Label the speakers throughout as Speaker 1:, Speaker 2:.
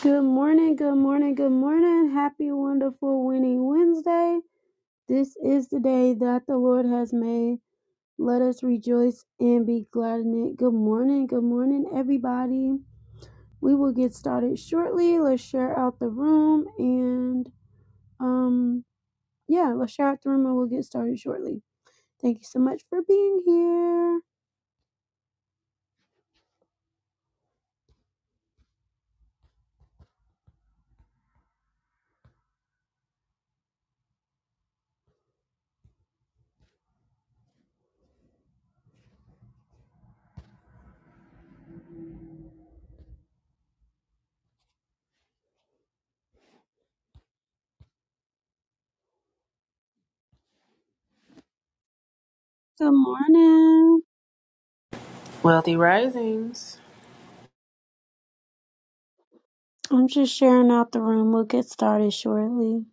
Speaker 1: Good morning, good morning, good morning. Happy, wonderful, winning Wednesday. This is the day that the Lord has made. Let us rejoice and be glad in it. Good morning, good morning, everybody. We will get started shortly. Let's share out the room and, um, yeah, let's share out the room and we'll get started shortly. Thank you so much for being here. Good morning.
Speaker 2: Wealthy Risings.
Speaker 1: I'm just sharing out the room. We'll get started shortly.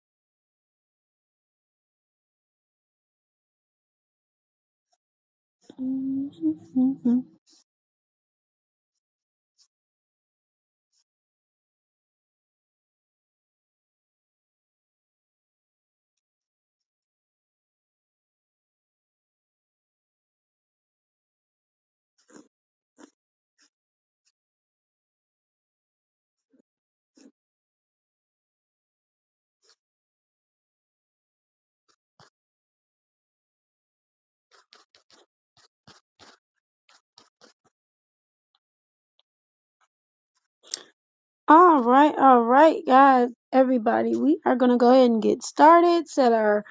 Speaker 1: All right, all right, guys, everybody, we are going to go ahead and get started, set our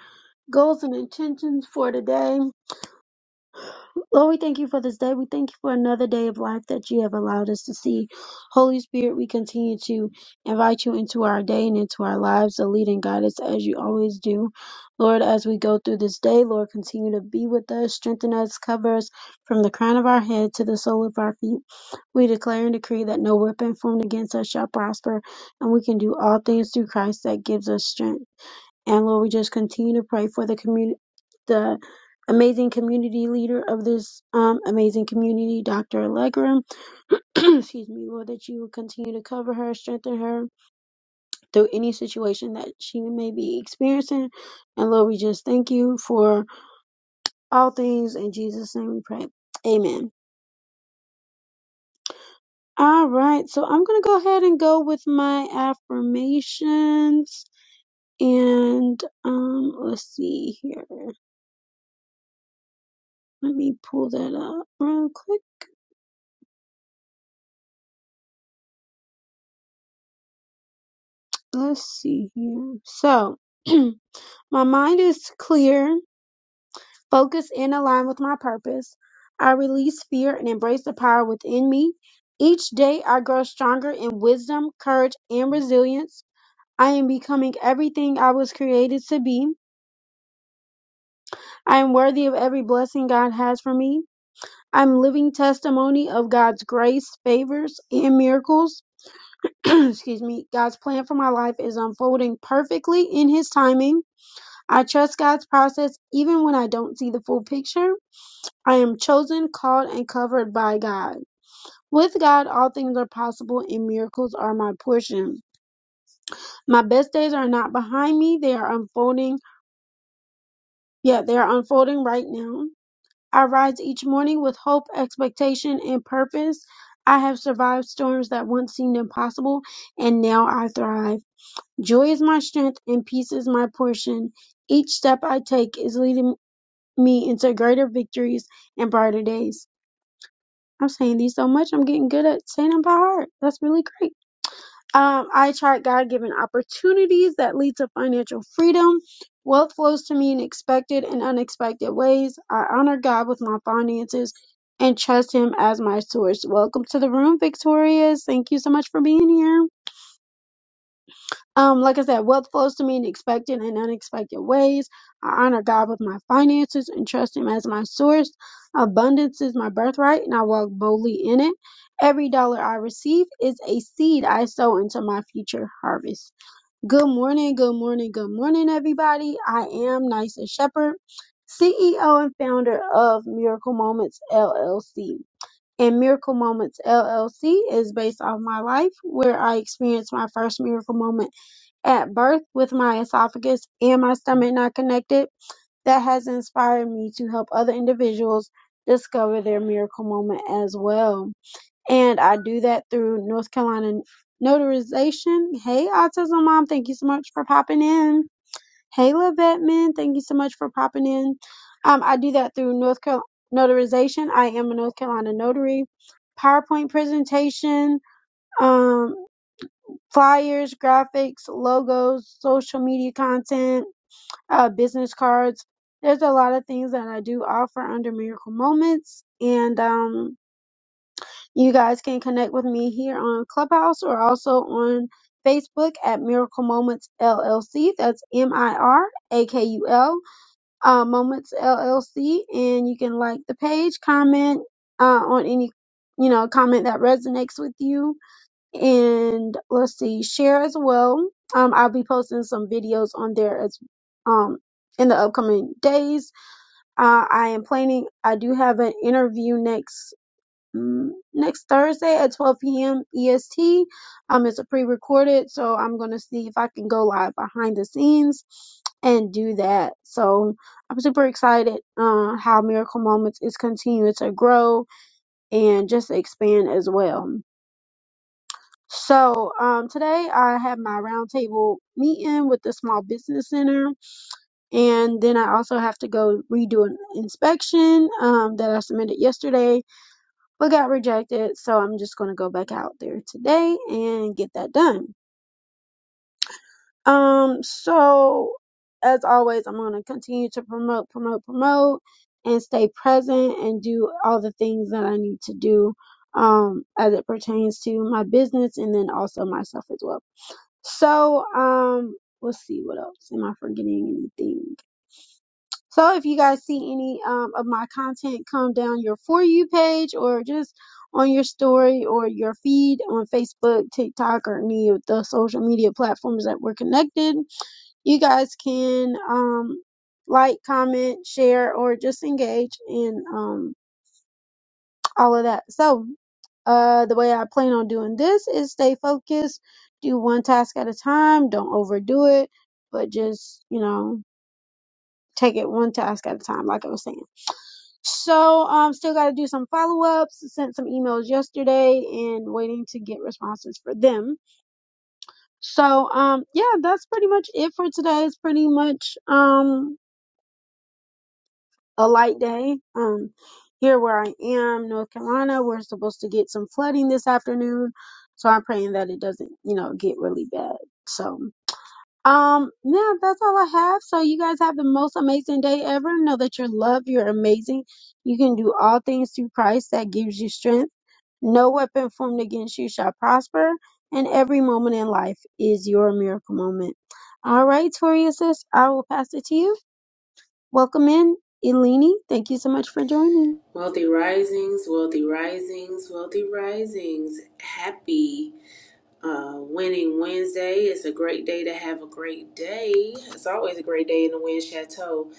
Speaker 1: goals and intentions for today. Lord, we thank you for this day. We thank you for another day of life that you have allowed us to see. Holy Spirit, we continue to invite you into our day and into our lives to lead and guide us as you always do. Lord, as we go through this day, Lord, continue to be with us, strengthen us, cover us from the crown of our head to the sole of our feet. We declare and decree that no weapon formed against us shall prosper, and we can do all things through Christ that gives us strength. And Lord, we just continue to pray for the community, the amazing community leader of this um, amazing community, Dr. Allegra. Excuse me, Lord, that you will continue to cover her, strengthen her through any situation that she may be experiencing. And Lord, we just thank you for all things. In Jesus' name we pray. Amen. All right, so I'm going to go ahead and go with my affirmations. And um, let's see here. Let me pull that up real quick. let's see here. So, my mind is clear, focused, and aligned with my purpose. I release fear and embrace the power within me. Each day, I grow stronger in wisdom, courage, and resilience. I am becoming everything I was created to be. I am worthy of every blessing God has for me. I'm living testimony of God's grace, favors, and miracles. Excuse me. God's plan for my life is unfolding perfectly in His timing. I trust God's process even when I don't see the full picture. I am chosen, called, and covered by God. With God, all things are possible and miracles are my portion. My best days are not behind me, they are unfolding, Yeah, they are unfolding right now. I rise each morning with hope, expectation, and purpose. I have survived storms that once seemed impossible, and now I thrive. Joy is my strength, and peace is my portion. Each step I take is leading me into greater victories and brighter days. I'm saying these so much, I'm getting good at saying them by heart. That's really great. Um, I chart God given opportunities that lead to financial freedom. Wealth flows to me in expected and unexpected ways. I honor God with my finances and trust Him as my source. Welcome to the room, Victorious. Thank you so much for being here. Um, like I said, wealth flows to me in expected and unexpected ways. I honor God with my finances and trust Him as my source. Abundance is my birthright, and I walk boldly in it. Every dollar I receive is a seed I sow into my future harvest. Good morning, good morning, good morning, everybody. I am Nysa Shepherd, CEO and founder of Miracle Moments LLC. And Miracle Moments LLC is based off my life where I experienced my first miracle moment at birth with my esophagus and my stomach not connected, that has inspired me to help other individuals discover their miracle moment as well. And I do that through North Carolina notarization. Hey, Autism Mom, thank you so much for popping in. Hey, Vetman, thank you so much for popping in. Um, I do that through North Carolina notarization. I am a North Carolina notary. PowerPoint presentation, um, flyers, graphics, logos, social media content, uh, business cards. There's a lot of things that I do offer under Miracle Moments. And um, you guys can connect with me here on Clubhouse or also on Facebook at Miracle Moments LLC. That's M I R A K U L uh, Moments LLC. And you can like the page, comment uh, on any, you know, comment that resonates with you and let's see, share as well. Um, I'll be posting some videos on there as um in the upcoming days. Uh, I am planning. I do have an interview next mm, next Thursday at 12 p.m. EST. Um, it's a pre-recorded, so I'm gonna see if I can go live behind the scenes and do that. So I'm super excited. Uh, how Miracle Moments is continuing to grow and just expand as well. So um, today I have my roundtable meeting with the small business center, and then I also have to go redo an inspection um, that I submitted yesterday but got rejected. So I'm just gonna go back out there today and get that done. Um, so as always, I'm gonna continue to promote, promote, promote, and stay present and do all the things that I need to do um, as it pertains to my business and then also myself as well. So, um, let's see what else. Am I forgetting anything? So, if you guys see any um, of my content come down your For You page or just on your story or your feed on Facebook, TikTok, or any of the social media platforms that we're connected, you guys can um, like, comment, share, or just engage in um, all of that. So, uh, the way I plan on doing this is stay focused, do one task at a time, don't overdo it, but just, you know, take it one task at a time, like I was saying. So, um, still got to do some follow ups, sent some emails yesterday and waiting to get responses for them. So, um, yeah, that's pretty much it for today. It's pretty much, um, a light day. Um, here where I am, North Carolina, we're supposed to get some flooding this afternoon. So I'm praying that it doesn't, you know, get really bad. So, um, yeah, that's all I have. So you guys have the most amazing day ever. Know that you're loved. You're amazing. You can do all things through Christ that gives you strength. No weapon formed against you shall prosper. And every moment in life is your miracle moment. All right, Tori, sis, I will pass it to you. Welcome in, Eleni. Thank you so much for joining.
Speaker 2: Wealthy risings, wealthy risings, wealthy risings. Happy uh, Winning Wednesday. It's a great day to have a great day. It's always a great day in the Wind Chateau.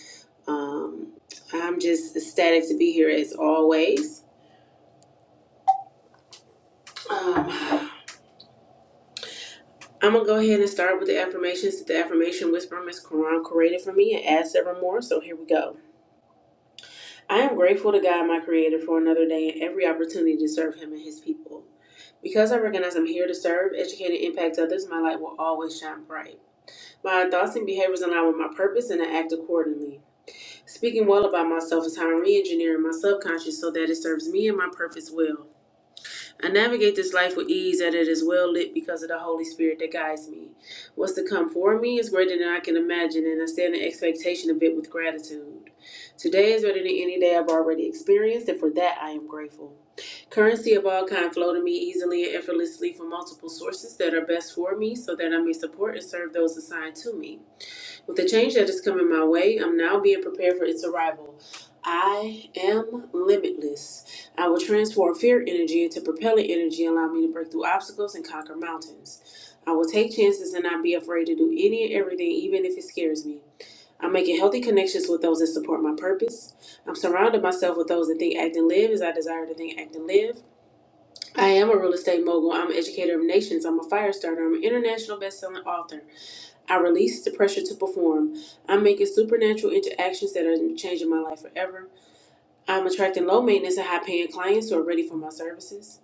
Speaker 2: Um, I'm just ecstatic to be here as always. Um, I'm going to go ahead and start with the affirmations that the affirmation whisperer Miss Quran created for me and add several more. So here we go. I am grateful to God, my Creator, for another day and every opportunity to serve Him and His people. Because I recognize I'm here to serve, educate, and impact others, my light will always shine bright. My thoughts and behaviors align with my purpose, and I act accordingly. Speaking well about myself is how I'm re engineering my subconscious so that it serves me and my purpose well. I navigate this life with ease, and it is well lit because of the Holy Spirit that guides me. What's to come for me is greater than I can imagine, and I stand in expectation of it with gratitude. Today is better than any day I've already experienced, and for that I am grateful. Currency of all kind flow to me easily and effortlessly from multiple sources that are best for me so that I may support and serve those assigned to me. With the change that is coming my way, I'm now being prepared for its arrival. I am limitless. I will transform fear energy into propellant energy, allow me to break through obstacles and conquer mountains. I will take chances and not be afraid to do any and everything, even if it scares me. I'm making healthy connections with those that support my purpose. I'm surrounding myself with those that think, act, and live as I desire to think, act, and live. I am a real estate mogul. I'm an educator of nations. I'm a fire starter. I'm an international best-selling author. I release the pressure to perform. I'm making supernatural interactions that are changing my life forever. I'm attracting low maintenance and high paying clients who are ready for my services.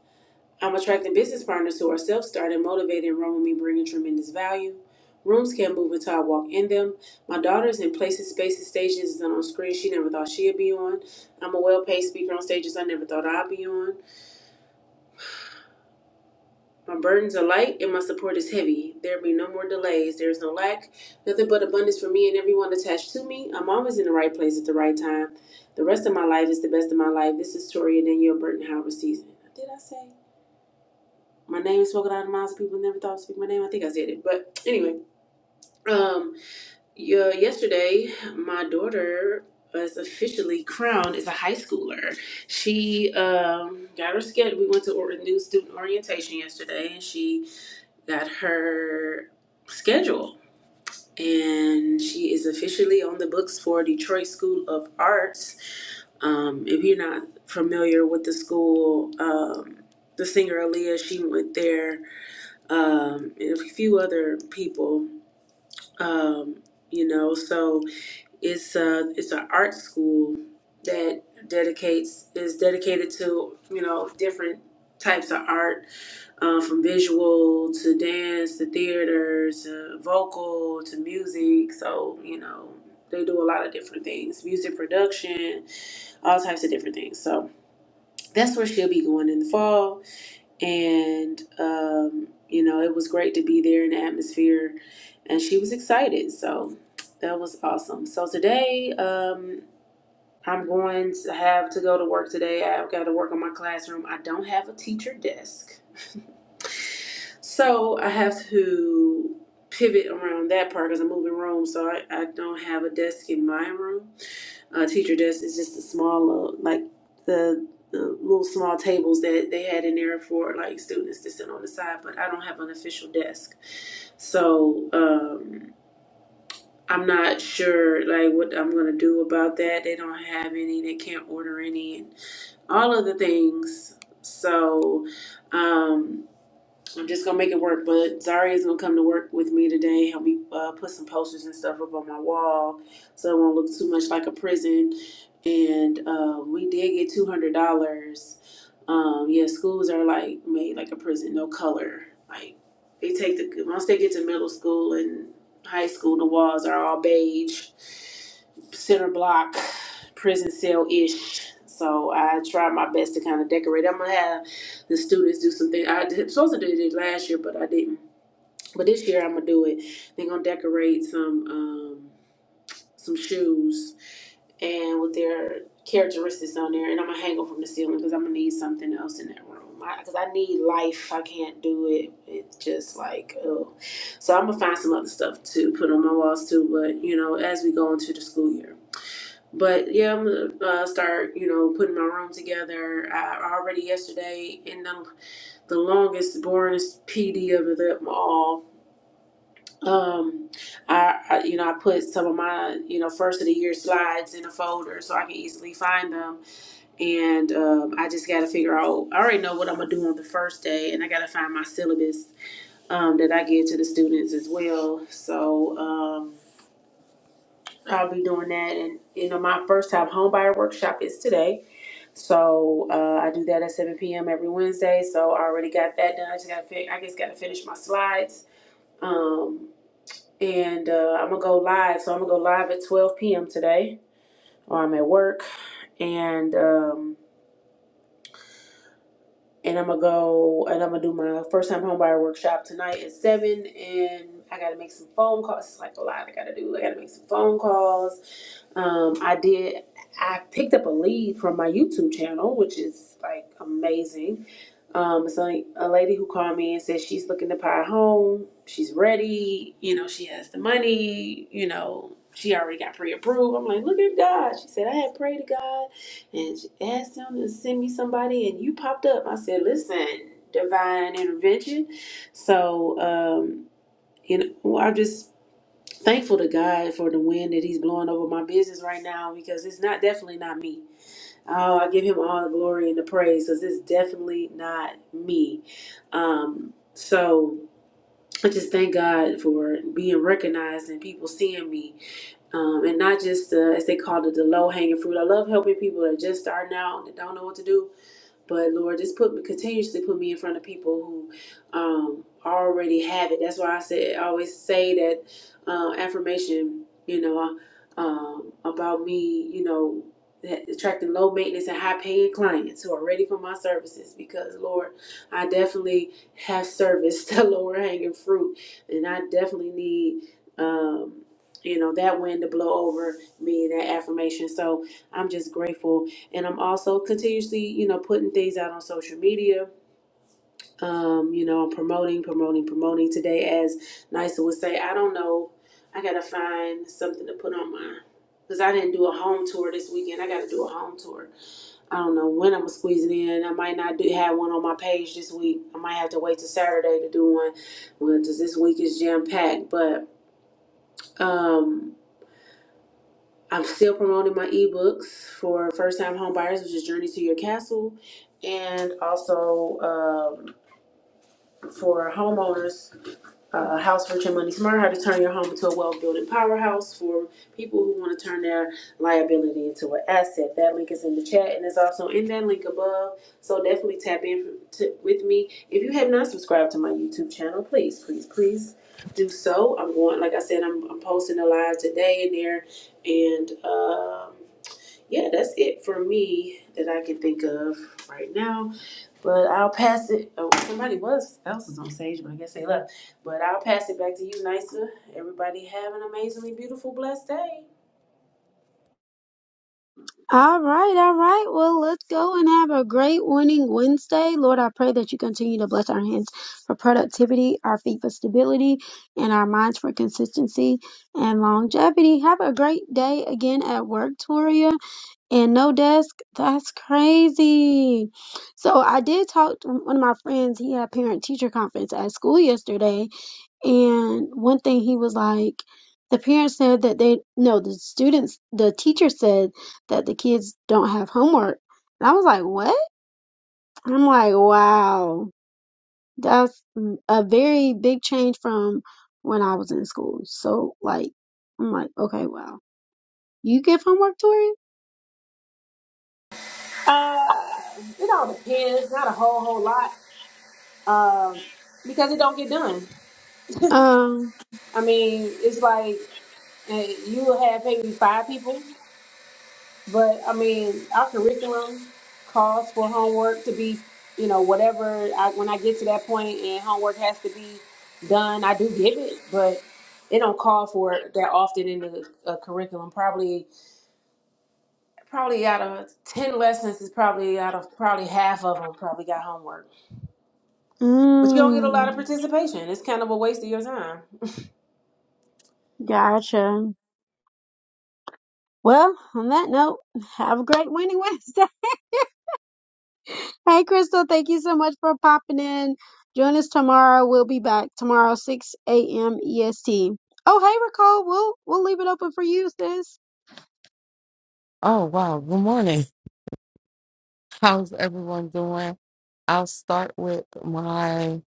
Speaker 2: I'm attracting business partners who are self started, motivated, and run with me, bringing tremendous value. Rooms can't move until I walk in them. My daughter's in places, spaces, stages, and on screens she never thought she'd be on. I'm a well paid speaker on stages I never thought I'd be on. My burdens are light and my support is heavy. There be no more delays. There is no lack, nothing but abundance for me and everyone attached to me. I'm always in the right place at the right time. The rest of my life is the best of my life. This is Toria Danielle Burton Howard season. Did I say my name is spoken out of mouths of people who never thought to speak my name? I think I said it, but anyway, um, yeah, yesterday my daughter was officially crowned as a high schooler. She um got her schedule. We went to or- new student orientation yesterday, and she got her schedule. And she is officially on the books for Detroit School of Arts. Um, if you're not familiar with the school, um, the singer Aaliyah, she went there, um, and a few other people, um, you know. So it's a, it's an art school that dedicates is dedicated to you know different types of art uh, from visual to dance to theater to vocal to music. So, you know, they do a lot of different things music production, all types of different things. So, that's where she'll be going in the fall. And, um, you know, it was great to be there in the atmosphere. And she was excited. So, that was awesome. So, today, um, I'm going to have to go to work today. I've got to work on my classroom. I don't have a teacher desk so I have to pivot around that part because I'm moving rooms, so I, I don't have a desk in my room. Uh, teacher desk is just a small, uh, like the, the little small tables that they had in there for like students to sit on the side, but I don't have an official desk. So um, I'm not sure like what I'm gonna do about that. They don't have any. They can't order any, and all of the things. So. Um, I'm just gonna make it work. But Zaria's gonna come to work with me today. Help me uh, put some posters and stuff up on my wall, so it won't look too much like a prison. And uh, we did get two hundred dollars. Um, yeah, schools are like made like a prison, no color. Like they take the once they get to middle school and high school, the walls are all beige, center block, prison cell ish. So I try my best to kind of decorate. I'm gonna have the students do some things. I was supposed to do it last year, but I didn't. But this year I'm gonna do it. They're gonna decorate some um, some shoes and with their characteristics on there, and I'm gonna hang them from the ceiling because I'm gonna need something else in that room. Because I, 'cause I need life. I can't do it. It's just like oh, so I'm gonna find some other stuff to put on my walls too. But you know, as we go into the school year. But yeah, I'm gonna uh, start, you know, putting my room together. I already yesterday, and the longest, boringest PD of them all. Um, I, I, you know, I put some of my, you know, first of the year slides in a folder so I can easily find them. And um, I just got to figure out. I already know what I'm gonna do on the first day, and I got to find my syllabus um, that I give to the students as well. So um, I'll be doing that. And you know, my first time homebuyer workshop is today. So uh, I do that at 7 p.m. every Wednesday. So I already got that done. I just gotta, I just gotta finish my slides Um, and uh, I'm gonna go live. So I'm gonna go live at 12 p.m. today, or I'm at work, and um, and I'm gonna go and I'm gonna do my first time homebuyer workshop tonight at seven. And I gotta make some phone calls. It's like a lot I gotta do. I gotta make some phone calls. Um, I did. I picked up a lead from my YouTube channel, which is like amazing Um, it's like a lady who called me and said she's looking to buy a home. She's ready. You know, she has the money. You know, she already got pre-approved. I'm like, look at God. She said I had prayed to God and she asked Him to send me somebody, and you popped up. I said, listen, divine intervention. So, um, you know, well, I'm just thankful to God for the wind that He's blowing over my business right now because it's not definitely not me. Oh, I give him all the glory and the praise because it's definitely not me. Um, so I just thank God for being recognized and people seeing me, um, and not just uh, as they call it the low hanging fruit. I love helping people that are just starting out and don't know what to do. But Lord, just put continuously put me in front of people who um, already have it. That's why I said I always say that uh, affirmation. You know, um, about me. You know, that attracting low maintenance and high paying clients who are ready for my services. Because Lord, I definitely have serviced the lower hanging fruit, and I definitely need. Um, you know that wind to blow over me that affirmation so i'm just grateful and I'm also continuously, you know, putting things out on social media. Um, you know, I'm promoting, promoting, promoting. Today, as Nisa would say, I don't know. I gotta find something to put on my because I didn't do a home tour this weekend. I gotta do a home tour. I don't know when I'm gonna squeeze it in. I might not do have one on my page this week. I might have to wait till Saturday to do one. Well, 'cause this week is jam packed, but um I'm still promoting my ebooks for first time home buyers, which is Journey to Your Castle, and also um, for homeowners, uh, House Rich and Money Smart, How to Turn Your Home into a Wealth Building Powerhouse for people who want to turn their liability into an asset. That link is in the chat and it's also in that link above. So definitely tap in to, with me. If you have not subscribed to my YouTube channel, please, please, please do so. I'm going, like I said, I'm, I'm posting the live today in there and. um yeah, that's it for me that I can think of right now. But I'll pass it. Oh, somebody was else is on stage, but I guess they left. But I'll pass it back to you, Nisa. Everybody have an amazingly beautiful, blessed day.
Speaker 1: All right, all right. Well, let's go and have a great winning Wednesday. Lord, I pray that you continue to bless our hands for productivity, our feet for stability, and our minds for consistency and longevity. Have a great day again at work, Toria. And no desk. That's crazy. So I did talk to one of my friends. He had a parent teacher conference at school yesterday And one thing he was like, the parents said that they, no, the students, the teacher said that the kids don't have homework. And I was like, what? And I'm like, wow, that's a very big change from when I was in school. So like, I'm like, okay, wow, you give homework, Tori?
Speaker 2: Uh, it all depends. Not a whole whole lot. Um, because it don't get done.
Speaker 1: Um,
Speaker 2: I mean, it's like eh, you will have maybe five people. But I mean, our curriculum calls for homework to be, you know, whatever. I, when I get to that point and homework has to be done, I do give it, but it don't call for it that often in the uh, curriculum. Probably, probably out of ten lessons, is probably out of probably half of them probably got homework. But you don't get a
Speaker 1: mm,
Speaker 2: lot of participation. It's kind of a waste of your time.
Speaker 1: gotcha. Well, on that note, have a great winning Wednesday. Hey, Crystal, thank you so much for popping in. Join us tomorrow. We'll be back tomorrow, 6 a.m. EST. Oh, hey, Nicole, we'll, we'll leave it open for you, sis.
Speaker 3: Oh, wow. Good morning. How's everyone doing? I'll start with my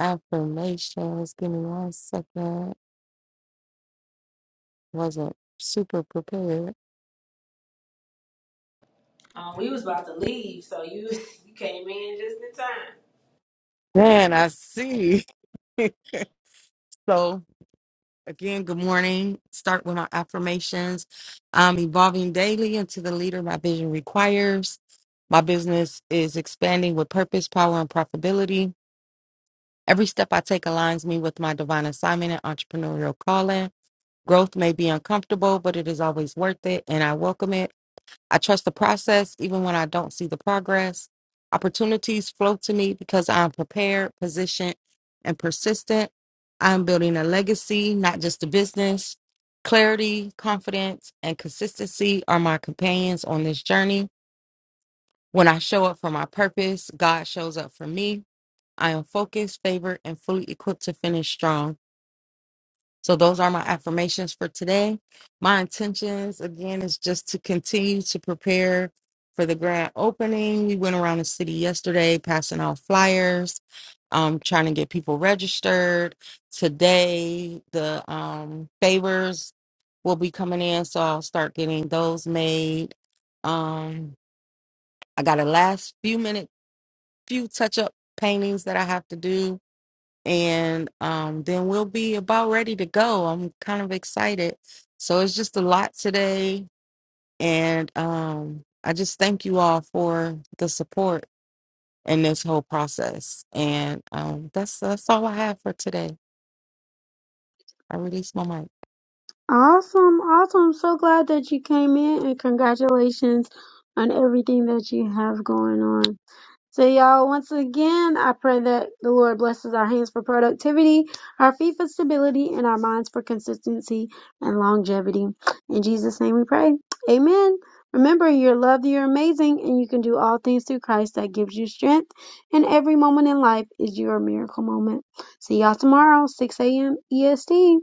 Speaker 3: affirmations. Give me one second. Wasn't super prepared.
Speaker 2: Um, we was about to leave, so you you came in just in time.
Speaker 3: Man, I see. so, again, good morning. Start with my affirmations. I'm evolving daily into the leader my vision requires. My business is expanding with purpose, power, and profitability. Every step I take aligns me with my divine assignment and entrepreneurial calling. Growth may be uncomfortable, but it is always worth it, and I welcome it. I trust the process even when I don't see the progress. Opportunities flow to me because I am prepared, positioned, and persistent. I am building a legacy, not just a business. Clarity, confidence, and consistency are my companions on this journey. When I show up for my purpose, God shows up for me. I am focused, favored, and fully equipped to finish strong. So those are my affirmations for today. My intentions again is just to continue to prepare for the grand opening. We went around the city yesterday passing out flyers, um, trying to get people registered. Today the um favors will be coming in, so I'll start getting those made. Um I got a last few minute few touch up paintings that I have to do and um, then we'll be about ready to go. I'm kind of excited. So it's just a lot today, and um, I just thank you all for the support in this whole process. And um, that's that's all I have for today. I release my mic.
Speaker 1: Awesome, awesome. So glad that you came in and congratulations on everything that you have going on. So, y'all, once again, I pray that the Lord blesses our hands for productivity, our feet for stability, and our minds for consistency and longevity. In Jesus' name we pray. Amen. Remember, you're loved, you're amazing, and you can do all things through Christ that gives you strength. And every moment in life is your miracle moment. See y'all tomorrow, 6 a.m. EST.